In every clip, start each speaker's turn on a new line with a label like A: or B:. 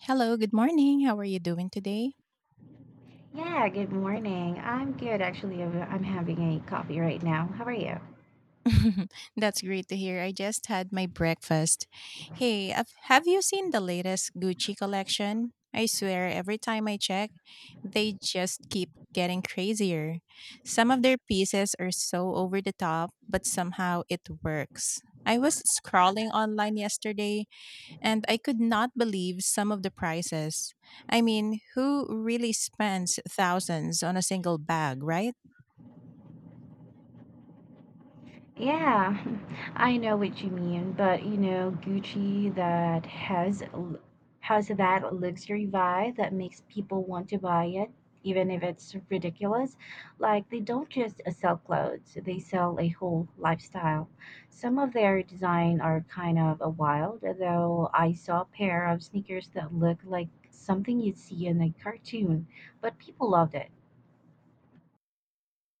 A: Hello, good morning. How are you doing today?
B: Yeah, good morning. I'm good actually. I'm having a coffee right now. How are you?
A: That's great to hear. I just had my breakfast. Hey, have you seen the latest Gucci collection? I swear, every time I check, they just keep getting crazier. Some of their pieces are so over the top, but somehow it works. I was scrolling online yesterday and I could not believe some of the prices. I mean, who really spends thousands on a single bag, right?
B: Yeah, I know what you mean, but you know, Gucci that has that luxury vibe that makes people want to buy it, even if it's ridiculous. Like they don't just sell clothes, they sell a whole lifestyle. Some of their design are kind of a wild, though I saw a pair of sneakers that look like something you'd see in a cartoon, but people loved it.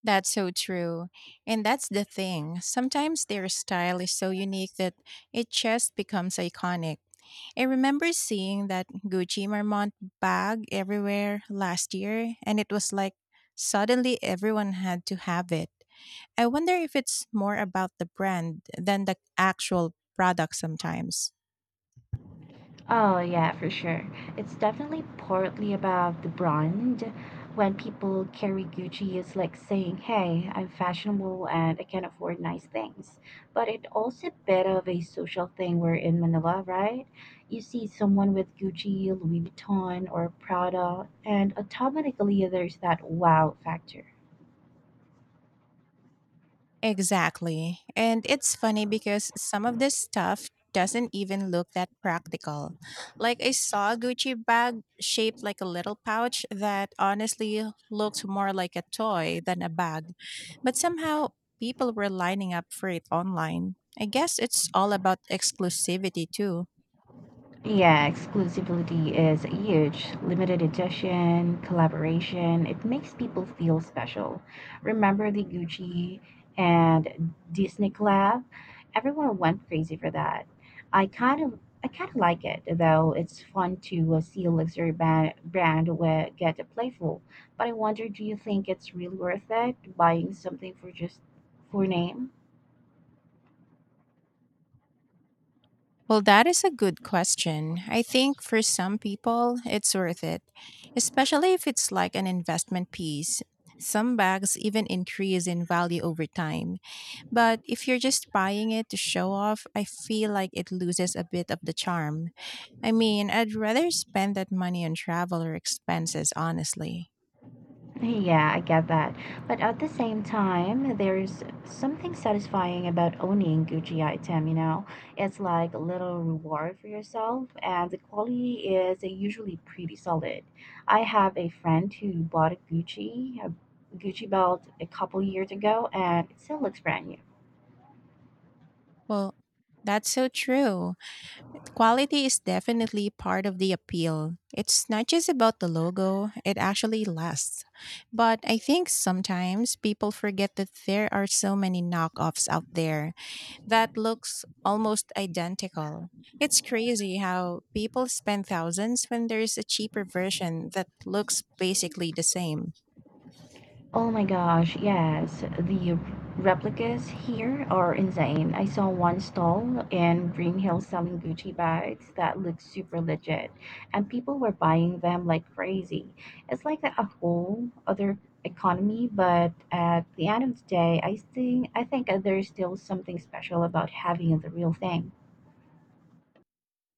A: That's so true. And that's the thing. Sometimes their style is so unique that it just becomes iconic. I remember seeing that Gucci Marmont bag everywhere last year, and it was like suddenly everyone had to have it. I wonder if it's more about the brand than the actual product sometimes.
B: Oh, yeah, for sure. It's definitely partly about the brand. When people carry Gucci, it's like saying, hey, I'm fashionable and I can afford nice things. But it also a bit of a social thing. We're in Manila, right? You see someone with Gucci, Louis Vuitton, or Prada, and automatically there's that wow factor.
A: Exactly. And it's funny because some of this stuff doesn't even look that practical. Like I saw a Gucci bag shaped like a little pouch that honestly looked more like a toy than a bag. But somehow people were lining up for it online. I guess it's all about exclusivity too.
B: Yeah, exclusivity is huge. Limited edition, collaboration, it makes people feel special. Remember the Gucci and Disney collab? Everyone went crazy for that. I kind of I kind of like it, though it's fun to see a luxury brand where get playful. But I wonder, do you think it's really worth it buying something for just for name?
A: Well, that is a good question. I think for some people, it's worth it, especially if it's like an investment piece. Some bags even increase in value over time. But if you're just buying it to show off, I feel like it loses a bit of the charm. I mean, I'd rather spend that money on travel or expenses, honestly.
B: Yeah, I get that. But at the same time, there's something satisfying about owning Gucci item, you know? It's like a little reward for yourself, and the quality is usually pretty solid. I have a friend who bought a Gucci belt a couple years ago, and it still looks brand new.
A: Well, that's so true. Quality is definitely part of the appeal. It's not just about the logo, it actually lasts. But I think sometimes people forget that there are so many knockoffs out there that looks almost identical. It's crazy how people spend thousands when there's a cheaper version that looks basically the same.
B: Oh my gosh, yes. The replicas here are insane. I saw one stall in Green Hills selling Gucci bags that looked super legit, and people were buying them like crazy. It's like a whole other economy, but at the end of the day, I think there's still something special about having the real thing.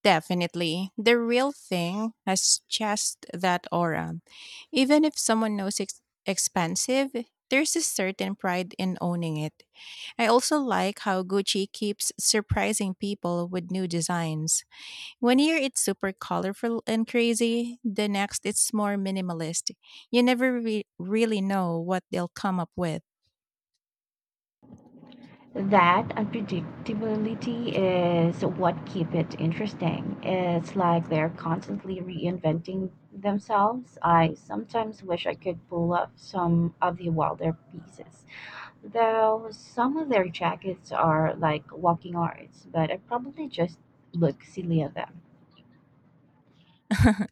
A: Definitely. The real thing has just that aura. Even if someone knows it's expensive, there's a certain pride in owning it. I also like how Gucci keeps surprising people with new designs. One year it's super colorful and crazy, the next it's more minimalist. You never really know what they'll come up with.
B: That unpredictability is what keep it interesting. It's like they're constantly reinventing themselves. I sometimes wish I could pull up some of the wilder pieces. Though some of their jackets are like walking arts, but I probably just look silly in them.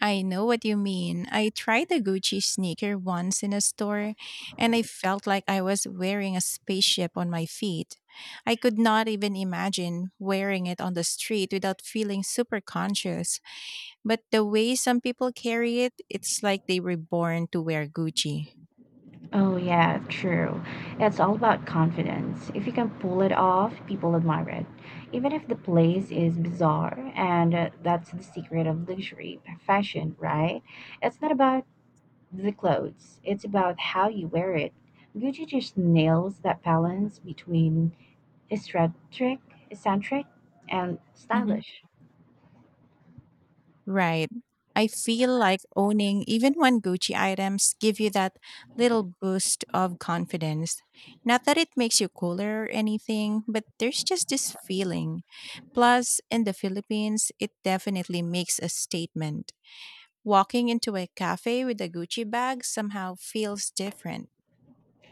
A: I know what you mean. I tried a Gucci sneaker once in a store, and I felt like I was wearing a spaceship on my feet. I could not even imagine wearing it on the street without feeling super conscious. But the way some people carry it, it's like they were born to wear Gucci.
B: Oh, yeah, true. It's all about confidence. If you can pull it off, people admire it. Even if the place is bizarre, and that's the secret of luxury fashion, right? It's not about the clothes, it's about how you wear it. Gucci just nails that balance between eccentric, eccentric and
A: Mm-hmm.
B: stylish.
A: Right. I feel like owning even one Gucci items give you that little boost of confidence. Not that it makes you cooler or anything, but there's just this feeling. Plus, in the Philippines, it definitely makes a statement. Walking into a cafe with a Gucci bag somehow feels different.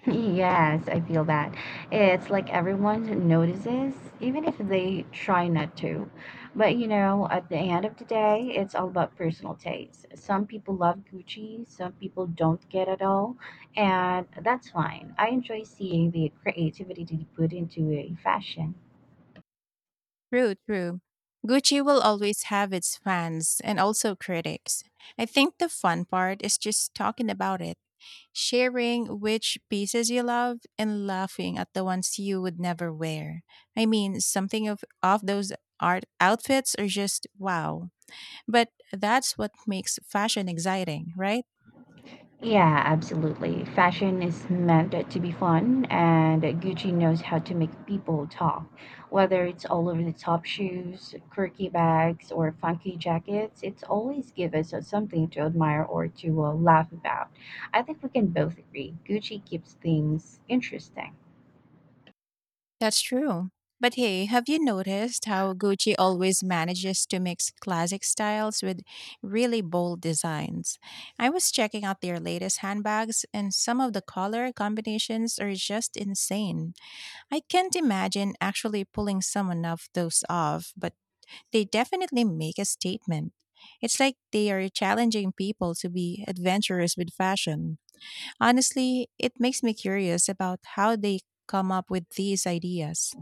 B: Yes, I feel that. It's like everyone notices, even if they try not to. But you know, at the end of the day, it's all about personal taste. Some people love Gucci, some people don't get at all, and that's fine. I enjoy seeing the creativity they put into a fashion.
A: True, true. Gucci will always have its fans and also critics. I think the fun part is just talking about it, sharing which pieces you love and laughing at the ones you would never wear. I mean, something of those art outfits are just wow. But that's what makes fashion exciting, right?
B: Yeah, absolutely. Fashion is meant to be fun, and Gucci knows how to make people talk. Whether it's all over the top shoes, quirky bags, or funky jackets, it's always give us something to admire or to laugh about. I think we can both agree Gucci keeps things interesting.
A: That's true. But hey, have you noticed how Gucci always manages to mix classic styles with really bold designs? I was checking out their latest handbags, and some of the color combinations are just insane. I can't imagine actually pulling someone of those off, but they definitely make a statement. It's like they are challenging people to be adventurous with fashion. Honestly, it makes me curious about how they come up with these ideas.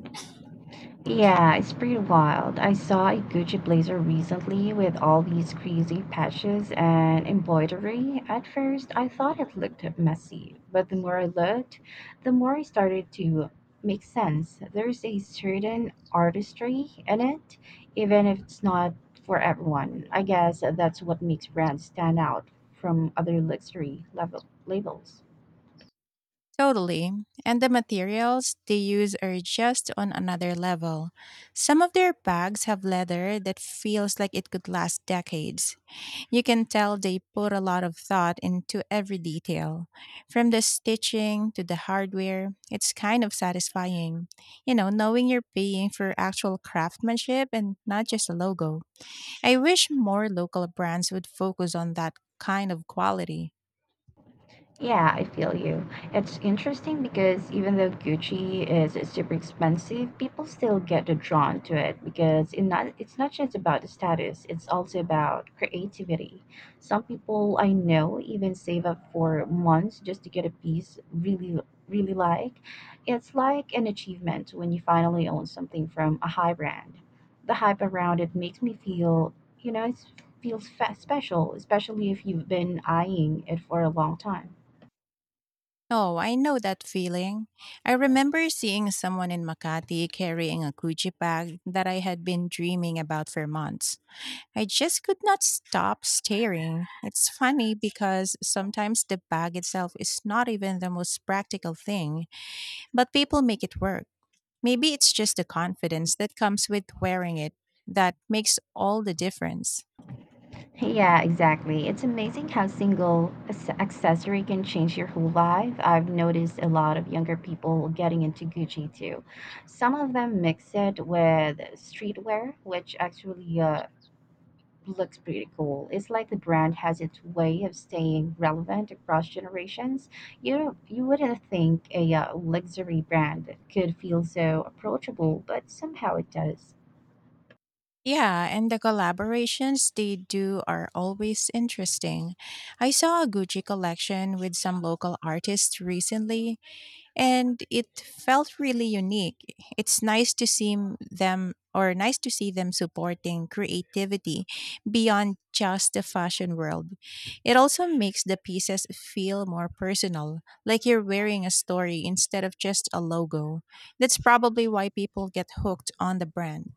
B: Yeah, it's pretty wild. I saw a Gucci blazer recently with all these crazy patches and embroidery. At first, I thought it looked messy, but the more I looked, the more it started to make sense. There's a certain artistry in it, even if it's not for everyone. I guess that's what makes brands stand out from other luxury level labels.
A: Totally. And the materials they use are just on another level. Some of their bags have leather that feels like it could last decades. You can tell they put a lot of thought into every detail, from the stitching to the hardware. It's kind of satisfying, you know, knowing you're paying for actual craftsmanship and not just a logo. I wish more local brands would focus on that kind of quality.
B: Yeah, I feel you. It's interesting because even though Gucci is super expensive, people still get drawn to it because it's not just about the status, it's also about creativity. Some people I know even save up for months just to get a piece really, really like. It's like an achievement when you finally own something from a high brand. The hype around it makes me feel, you know, it special, especially if you've been eyeing it for a long time.
A: Oh, I know that feeling. I remember seeing someone in Makati carrying a Gucci bag that I had been dreaming about for months. I just could not stop staring. It's funny because sometimes the bag itself is not even the most practical thing, but people make it work. Maybe it's just the confidence that comes with wearing it that makes all the difference.
B: Yeah, exactly. It's amazing how single accessory can change your whole life. I've noticed a lot of younger people getting into Gucci too. Some of them mix it with streetwear, which actually looks pretty cool. It's like the brand has its way of staying relevant across generations. You know, you wouldn't think a luxury brand could feel so approachable, but somehow it does.
A: Yeah, and the collaborations they do are always interesting. I saw a Gucci collection with some local artists recently, and it felt really unique. It's nice to see them supporting creativity beyond just the fashion world. It also makes the pieces feel more personal, like you're wearing a story instead of just a logo. That's probably why people get hooked on the brand.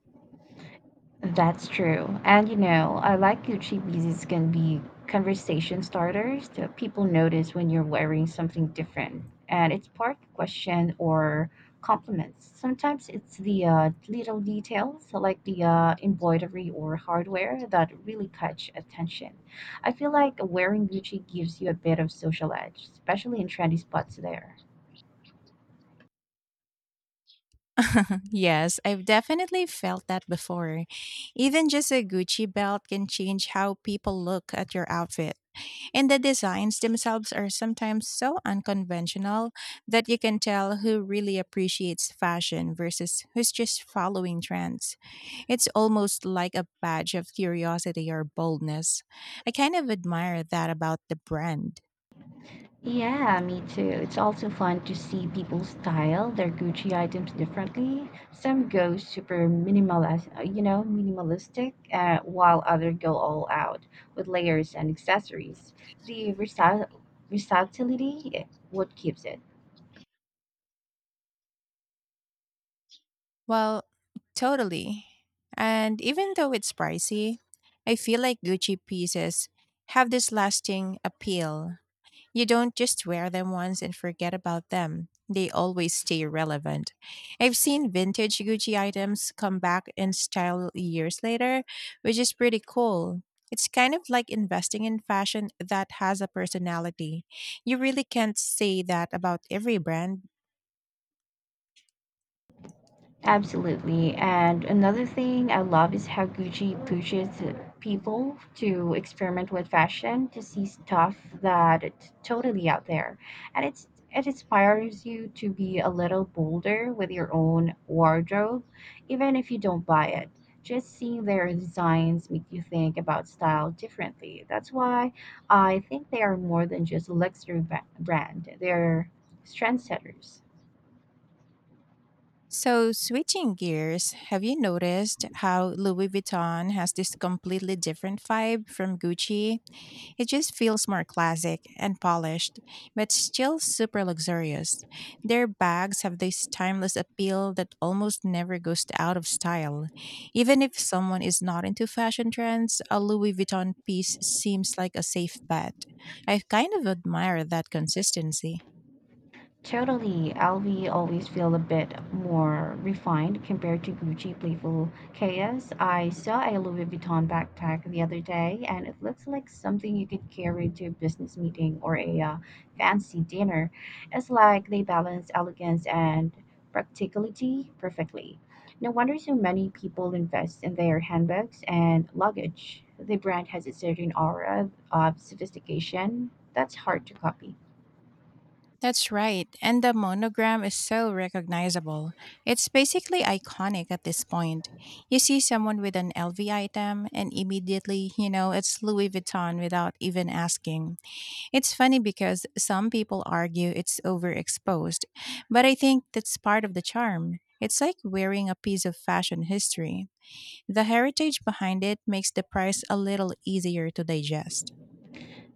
B: That's true. And you know, I like Gucci pieces can be conversation starters. That People notice when you're wearing something different, and it's part question or compliments. Sometimes it's the little details like the embroidery or hardware that really catch attention. I feel like wearing Gucci gives you a bit of social edge, especially in trendy spots there.
A: Yes, I've definitely felt that before. Even just a Gucci belt can change how people look at your outfit. And the designs themselves are sometimes so unconventional that you can tell who really appreciates fashion versus who's just following trends. It's almost like a badge of curiosity or boldness. I kind of admire that about the brand.
B: Yeah, me too. It's also fun to see people style their Gucci items differently. Some go super minimalist, you know, minimalistic, while others go all out with layers and accessories. The versatility, what keeps it.
A: Well, totally. And even though it's pricey, I feel like Gucci pieces have this lasting appeal. You don't just wear them once and forget about them. They always stay relevant. I've seen vintage Gucci items come back in style years later, which is pretty cool. It's kind of like investing in fashion that has a personality. You really can't say that about every brand.
B: Absolutely. And another thing I love is how Gucci pushes people to experiment with fashion, to see stuff that it's totally out there. And it inspires you to be a little bolder with your own wardrobe, even if you don't buy it. Just seeing their designs make you think about style differently. That's why I think they are more than just a luxury brand. They're trendsetters.
A: So, switching gears, have you noticed how Louis Vuitton has this completely different vibe from Gucci? It just feels more classic and polished, but still super luxurious. Their bags have this timeless appeal that almost never goes out of style. Even if someone is not into fashion trends, a Louis Vuitton piece seems like a safe bet. I kind of admire that consistency.
B: Totally, LV always feel a bit more refined compared to Gucci playful chaos. I saw a Louis Vuitton backpack the other day, and it looks like something you could carry to a business meeting or a fancy dinner. It's like they balance elegance and practicality perfectly. No wonder so many people invest in their handbags and luggage. The brand has a certain aura of sophistication that's hard to copy.
A: That's right, and the monogram is so recognizable. It's basically iconic at this point. You see someone with an LV item, and immediately, you know, it's Louis Vuitton without even asking. It's funny because some people argue it's overexposed, but I think that's part of the charm. It's like wearing a piece of fashion history. The heritage behind it makes the price a little easier to digest.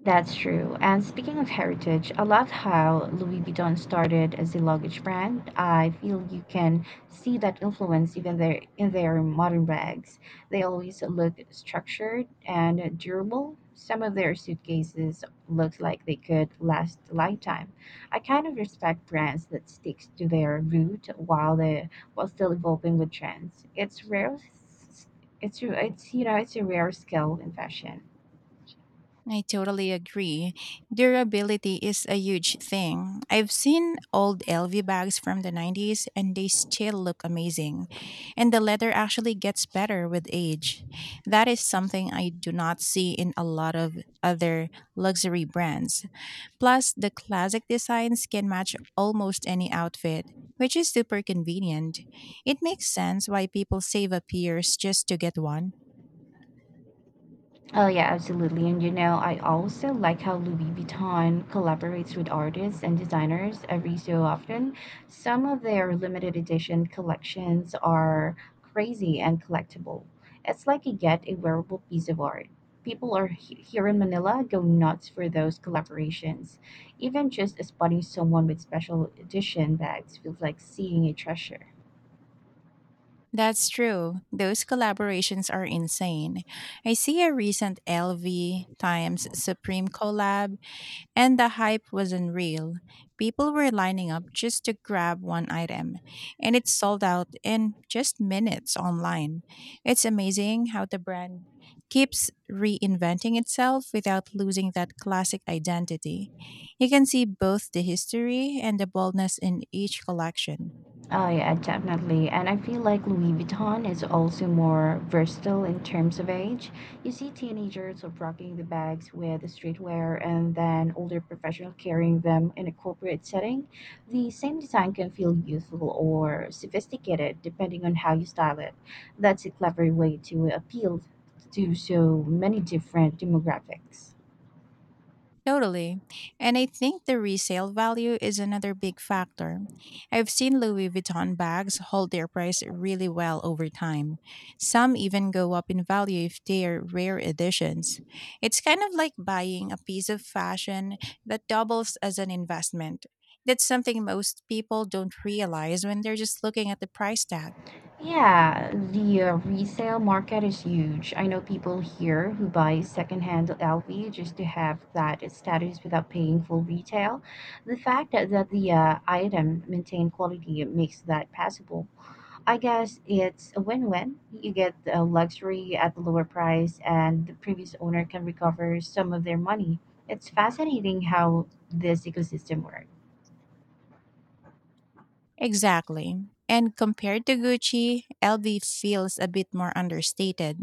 B: That's true. And speaking of heritage, I love how Louis Vuitton started as a luggage brand. I feel you can see that influence even there in their modern bags. They always look structured and durable. Some of their suitcases look like they could last a lifetime. I kind of respect brands that sticks to their root while still evolving with trends. It's rare. It's you know it's a rare skill in fashion.
A: I totally agree. Durability is a huge thing. I've seen old LV bags from the 90s and they still look amazing. And the leather actually gets better with age. That is something I do not see in a lot of other luxury brands. Plus, the classic designs can match almost any outfit, which is super convenient. It makes sense why people save up years just to get one.
B: Oh yeah, absolutely. And you know, I also like how Louis Vuitton collaborates with artists and designers every so often. Some of their limited edition collections are crazy and collectible. It's like you get a wearable piece of art. People are here in Manila go nuts for those collaborations. Even just spotting someone with special edition bags feels like seeing a treasure.
A: That's true. Those collaborations are insane. I see a recent LV times Supreme collab, and the hype was unreal. People were lining up just to grab one item, and it sold out in just minutes online. It's amazing how the brand keeps reinventing itself without losing that classic identity. You can see both the history and the boldness in each collection.
B: Oh yeah, definitely. And I feel like Louis Vuitton is also more versatile in terms of age. You see teenagers of rocking the bags with the streetwear and then older professionals carrying them in a corporate setting. The same design can feel youthful or sophisticated depending on how you style it. That's a clever way to appeal to so many different demographics.
A: Totally. And I think the resale value is another big factor. I've seen Louis Vuitton bags hold their price really well over time. Some even go up in value if they are rare editions. It's kind of like buying a piece of fashion that doubles as an investment. That's something most people don't realize when they're just looking at the price tag.
B: Yeah, the resale market is huge. I know people here who buy secondhand LV just to have that status without paying full retail. The fact that the item maintained quality makes that possible. I guess it's a win-win. You get luxury at the lower price, and the previous owner can recover some of their money. It's fascinating how this ecosystem works.
A: Exactly. And compared to Gucci, LV feels a bit more understated,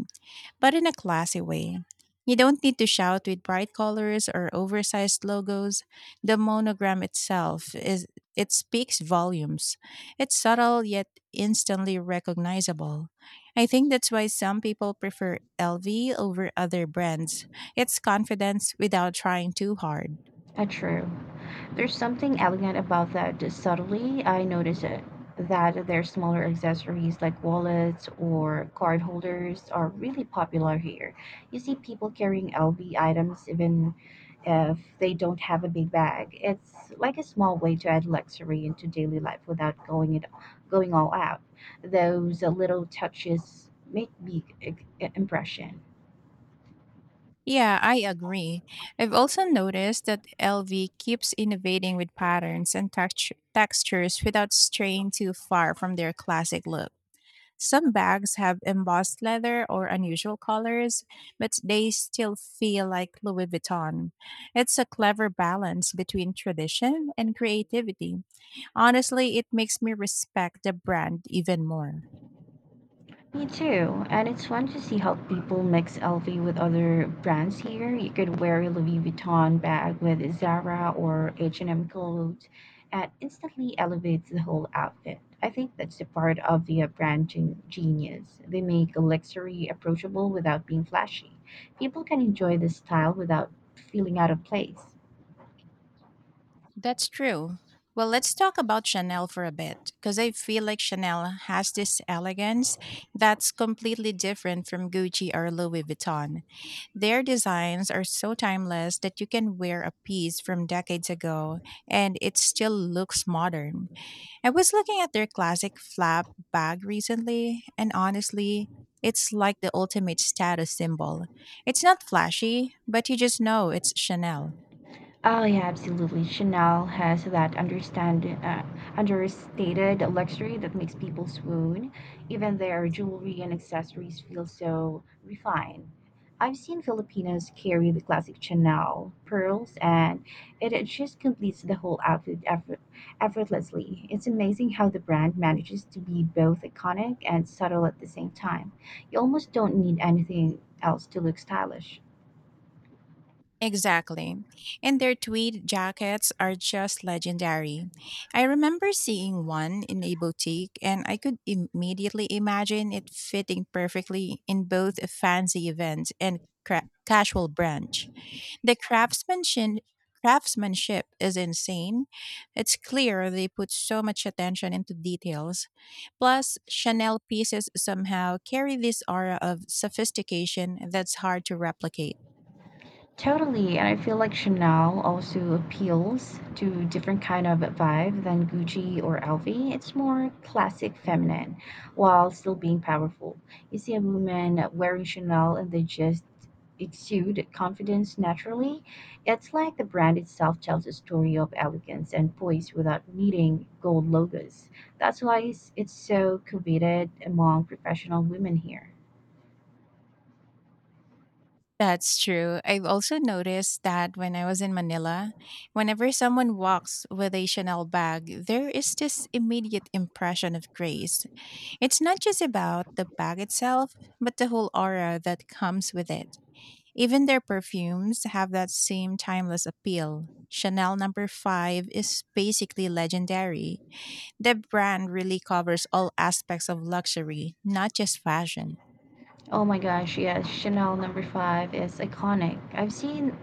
A: but in a classy way. You don't need to shout with bright colors or oversized logos. The monogram itself, is it speaks volumes. It's subtle yet instantly recognizable. I think that's why some people prefer LV over other brands. It's confidence without trying too hard.
B: True. There's something elegant about that. Subtly, I notice it, that their smaller accessories like wallets or card holders are really popular here. You see people carrying LV items even if they don't have a big bag. It's like a small way to add luxury into daily life without going all out. Those little touches make big impression.
A: Yeah, I agree. I've also noticed that LV keeps innovating with patterns and textures without straying too far from their classic look. Some bags have embossed leather or unusual colors, but they still feel like Louis Vuitton. It's a clever balance between tradition and creativity. Honestly, it makes me respect the brand even more.
B: Me too. And it's fun to see how people mix LV with other brands here. You could wear a Louis Vuitton bag with Zara or H&M clothes and instantly elevates the whole outfit. I think that's the part of the brand genius. They make luxury approachable without being flashy. People can enjoy the style without feeling out of place.
A: That's true. Well, let's talk about Chanel for a bit, because I feel like Chanel has this elegance that's completely different from Gucci or Louis Vuitton. Their designs are so timeless that you can wear a piece from decades ago and it still looks modern. I was looking at their classic flap bag recently, and honestly, it's like the ultimate status symbol. It's not flashy, but you just know it's Chanel.
B: Oh yeah, absolutely. Chanel has that understand understated luxury that makes people swoon. Even their jewelry and accessories feel so refined. I've seen Filipinos carry the classic Chanel pearls, and it just completes the whole effortlessly. It's amazing how the brand manages to be both iconic and subtle at the same time. You almost don't need anything else to look stylish.
A: Exactly. And their tweed jackets are just legendary. I remember seeing one in a boutique, and I could immediately imagine it fitting perfectly in both a fancy event and casual brunch. The craftsmanship is insane. It's clear they put so much attention into details. Plus, Chanel pieces somehow carry this aura of sophistication that's hard to replicate.
B: Totally, and I feel like Chanel also appeals to different kind of vibe than Gucci or LV. It's more classic feminine while still being powerful. You see a woman wearing Chanel and they just exude confidence naturally. It's like the brand itself tells a story of elegance and poise without needing gold logos. That's why it's so coveted among professional women here.
A: That's true. I've also noticed that when I was in Manila, whenever someone walks with a Chanel bag, there is this immediate impression of grace. It's not just about the bag itself, but the whole aura that comes with it. Even their perfumes have that same timeless appeal. Chanel number 5 is basically legendary. The brand really covers all aspects of luxury, not just fashion.
B: Oh my gosh, yes, Chanel No. 5 is iconic.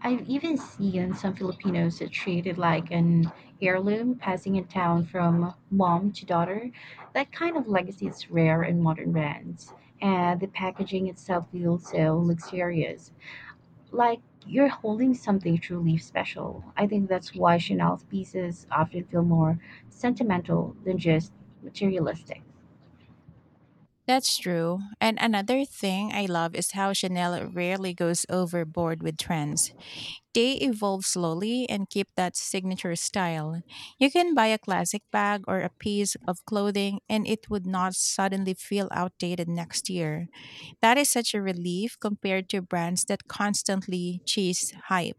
B: I've even seen some Filipinos that treat it like an heirloom passing it down from mom to daughter. That kind of legacy is rare in modern brands, and the packaging itself feels so luxurious, like you're holding something truly special. I think that's why Chanel's pieces often feel more sentimental than just materialistic.
A: That's true. And another thing I love is how Chanel rarely goes overboard with trends. They evolve slowly and keep that signature style. You can buy a classic bag or a piece of clothing and it would not suddenly feel outdated next year. That is such a relief compared to brands that constantly chase hype.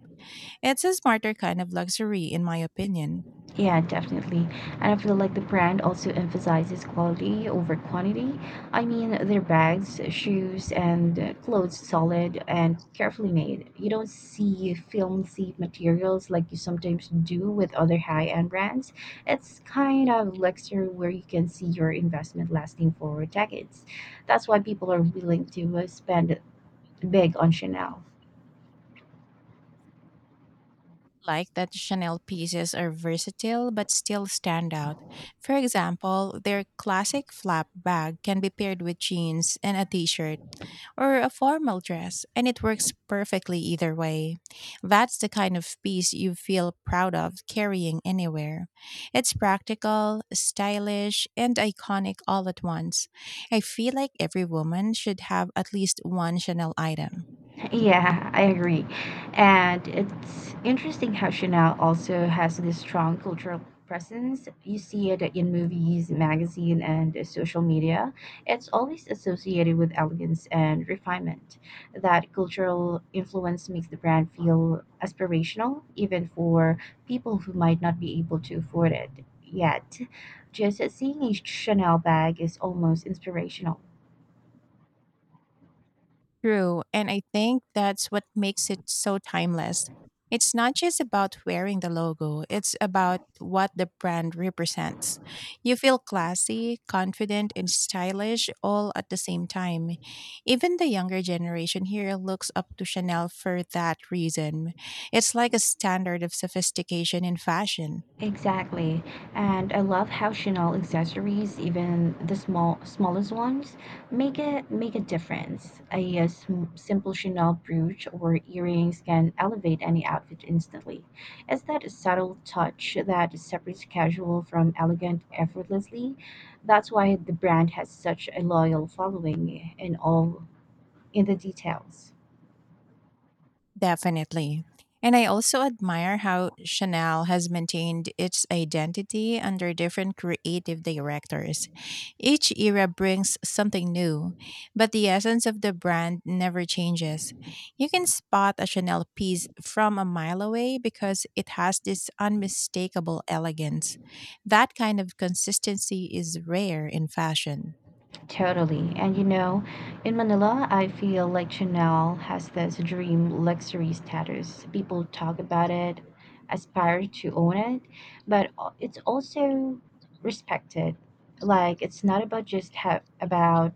A: It's a smarter kind of luxury, in my opinion.
B: Yeah, definitely. And I feel like the brand also emphasizes quality over quantity. I mean, their bags, shoes, and clothes solid and carefully made. You don't see filmy materials like you sometimes do with other high-end brands. It's kind of luxury where you can see your investment lasting for decades. That's why people are willing to spend big on Chanel.
A: Like that Chanel pieces are versatile but still stand out. For example, their classic flap bag can be paired with jeans and a t shirt or a formal dress, and it works perfectly either way. That's the kind of piece you feel proud of carrying anywhere. It's practical, stylish, and iconic all at once. I feel like every woman should have at least one Chanel item.
B: Yeah, I agree. And it's interesting how Chanel also has this strong cultural presence. You see it in movies, magazine, and social media. It's always associated with elegance and refinement. That cultural influence makes the brand feel aspirational, even for people who might not be able to afford it yet. Just seeing a Chanel bag is almost inspirational.
A: True. And I think that's what makes it so timeless. It's not just about wearing the logo, it's about what the brand represents. You feel classy, confident, and stylish all at the same time. Even the younger generation here looks up to Chanel for that reason. It's like a standard of sophistication in fashion.
B: Exactly. And I love how Chanel accessories, even the smallest ones, make a difference. A simple Chanel brooch or earrings can elevate any outfit instantly. It's that subtle touch that separates casual from elegant effortlessly. That's why the brand has such a loyal following in the details.
A: Definitely. And I also admire how Chanel has maintained its identity under different creative directors. Each era brings something new, but the essence of the brand never changes. You can spot a Chanel piece from a mile away because it has this unmistakable elegance. That kind of consistency is rare in fashion.
B: Totally. And you know, in Manila, I feel like Chanel has this dream luxury status. People talk about it, aspire to own it, but it's also respected. Like it's not about about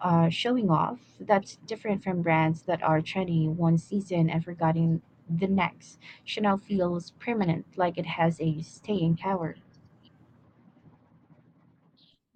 B: showing off. That's different from brands that are trendy one season and forgotten the next. Chanel feels permanent, like it has a staying power.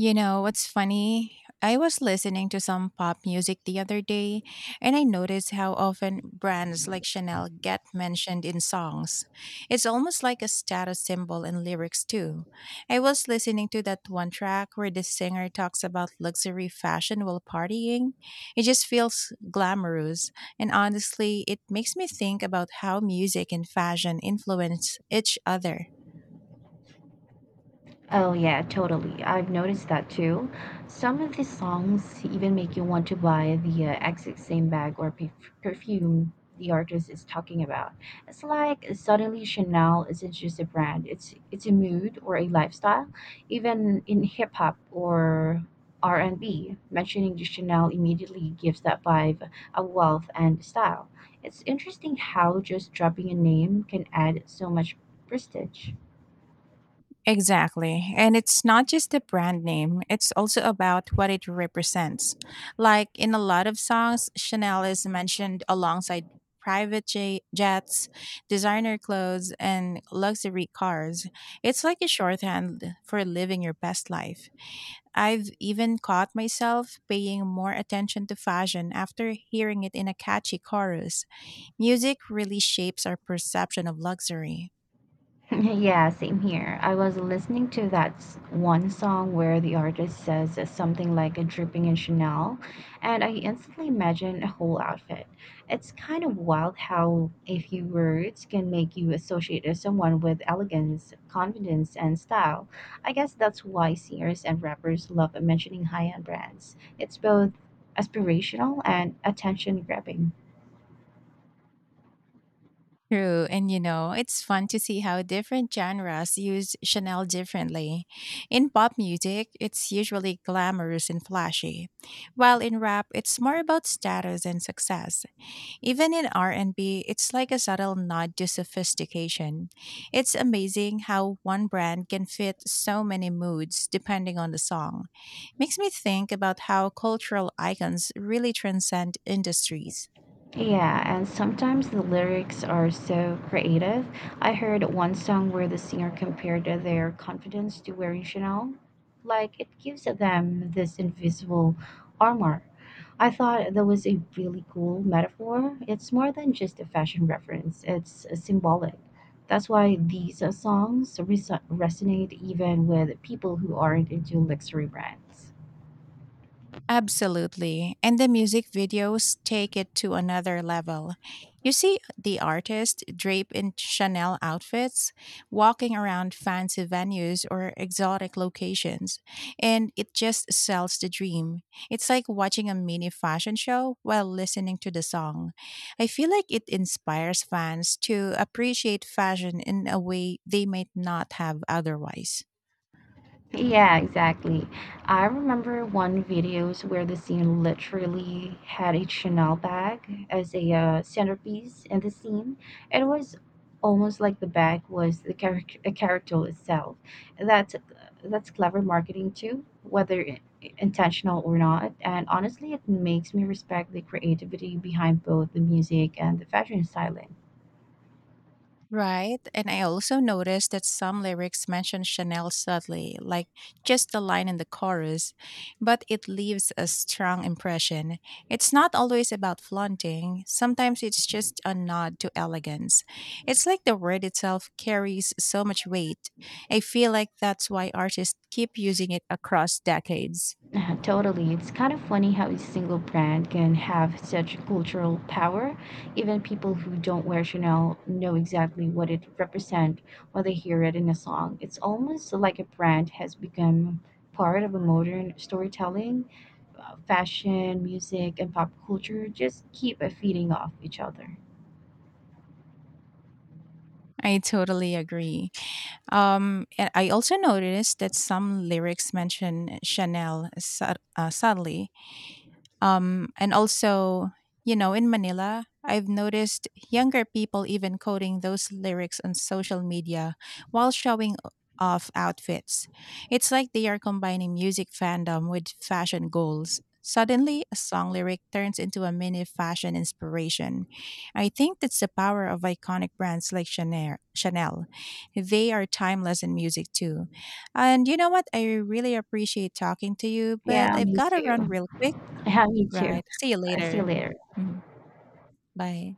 A: You know what's funny? I was listening to some pop music the other day, and I noticed how often brands like Chanel get mentioned in songs. It's almost like a status symbol in lyrics, too. I was listening to that one track where the singer talks about luxury fashion while partying. It just feels glamorous, and honestly, it makes me think about how music and fashion influence each other.
B: Oh, yeah, totally. I've noticed that too. Some of the songs even make you want to buy the exact same bag or perfume the artist is talking about. It's like suddenly Chanel isn't just a brand, it's a mood or a lifestyle. Even in hip hop or R&B, mentioning the Chanel immediately gives that vibe a wealth and style. It's interesting how just dropping a name can add so much prestige.
A: Exactly. And it's not just the brand name, it's also about what it represents. Like in a lot of songs, Chanel is mentioned alongside jets, designer clothes, and luxury cars. It's like a shorthand for living your best life. I've even caught myself paying more attention to fashion after hearing it in a catchy chorus. Music really shapes our perception of luxury.
B: Yeah, same here. I was listening to one song where the artist says something like a dripping in Chanel, and I instantly imagine a whole outfit. It's kind of wild how a few words can make you associate someone with elegance, confidence, and style. I guess that's why singers and rappers love mentioning high-end brands. It's both aspirational and attention-grabbing.
A: True. And you know, it's fun to see how different genres use Chanel differently. In pop music, it's usually glamorous and flashy, while in rap, it's more about status and success. Even in R&B, it's like a subtle nod to sophistication. It's amazing how one brand can fit so many moods depending on the song. Makes me think about how cultural icons really transcend industries.
B: Yeah, and sometimes the lyrics are so creative. I heard one song where the singer compared their confidence to wearing Chanel. Like it gives them this invisible armor. I thought that was a really cool metaphor. It's more than just a fashion reference, it's symbolic. That's why these songs resonate even with people who aren't into luxury brands.
A: Absolutely. And the music videos take it to another level. You see the artist draped in Chanel outfits, walking around fancy venues or exotic locations, and it just sells the dream. It's like watching a mini fashion show while listening to the song. I feel like it inspires fans to appreciate fashion in a way they might not have otherwise.
B: Yeah, exactly. I remember one videos where the scene literally had a Chanel bag as a centerpiece in the scene. It was almost like the bag was a character itself. That's that's clever marketing too, whether intentional or not. And honestly, it makes me respect the creativity behind both the music and the fashion styling.
A: Right. And I also noticed that some lyrics mention Chanel subtly, like just the line in the chorus, but it leaves a strong impression. It's not always about flaunting, sometimes it's just a nod to elegance. It's like the word itself carries so much weight. I feel like that's why artists keep using it across decades.
B: Totally. It's kind of funny how a single brand can have such cultural power. Even people who don't wear Chanel know exactly what it represents when they hear it in a song. It's almost like a brand has become part of a modern storytelling. Fashion, music, and pop culture just keep feeding off each other.
A: I totally agree. And I also noticed that some lyrics mention subtly. Um, and also, you know, in Manila, I've noticed younger people even quoting those lyrics on social media while off outfits. It's like they are combining music fandom with fashion goals. Suddenly, a song lyric turns into a mini fashion inspiration. I think that's the power of iconic brands like Chanel. They are timeless in music too. And you know what? I really appreciate talking to you, but
B: Yeah,
A: I've
B: me
A: got to run
B: too.
A: real quick.
B: Yeah, me too.
A: Right. See you
B: See you
A: later.
B: later.
A: Mhm. Bye.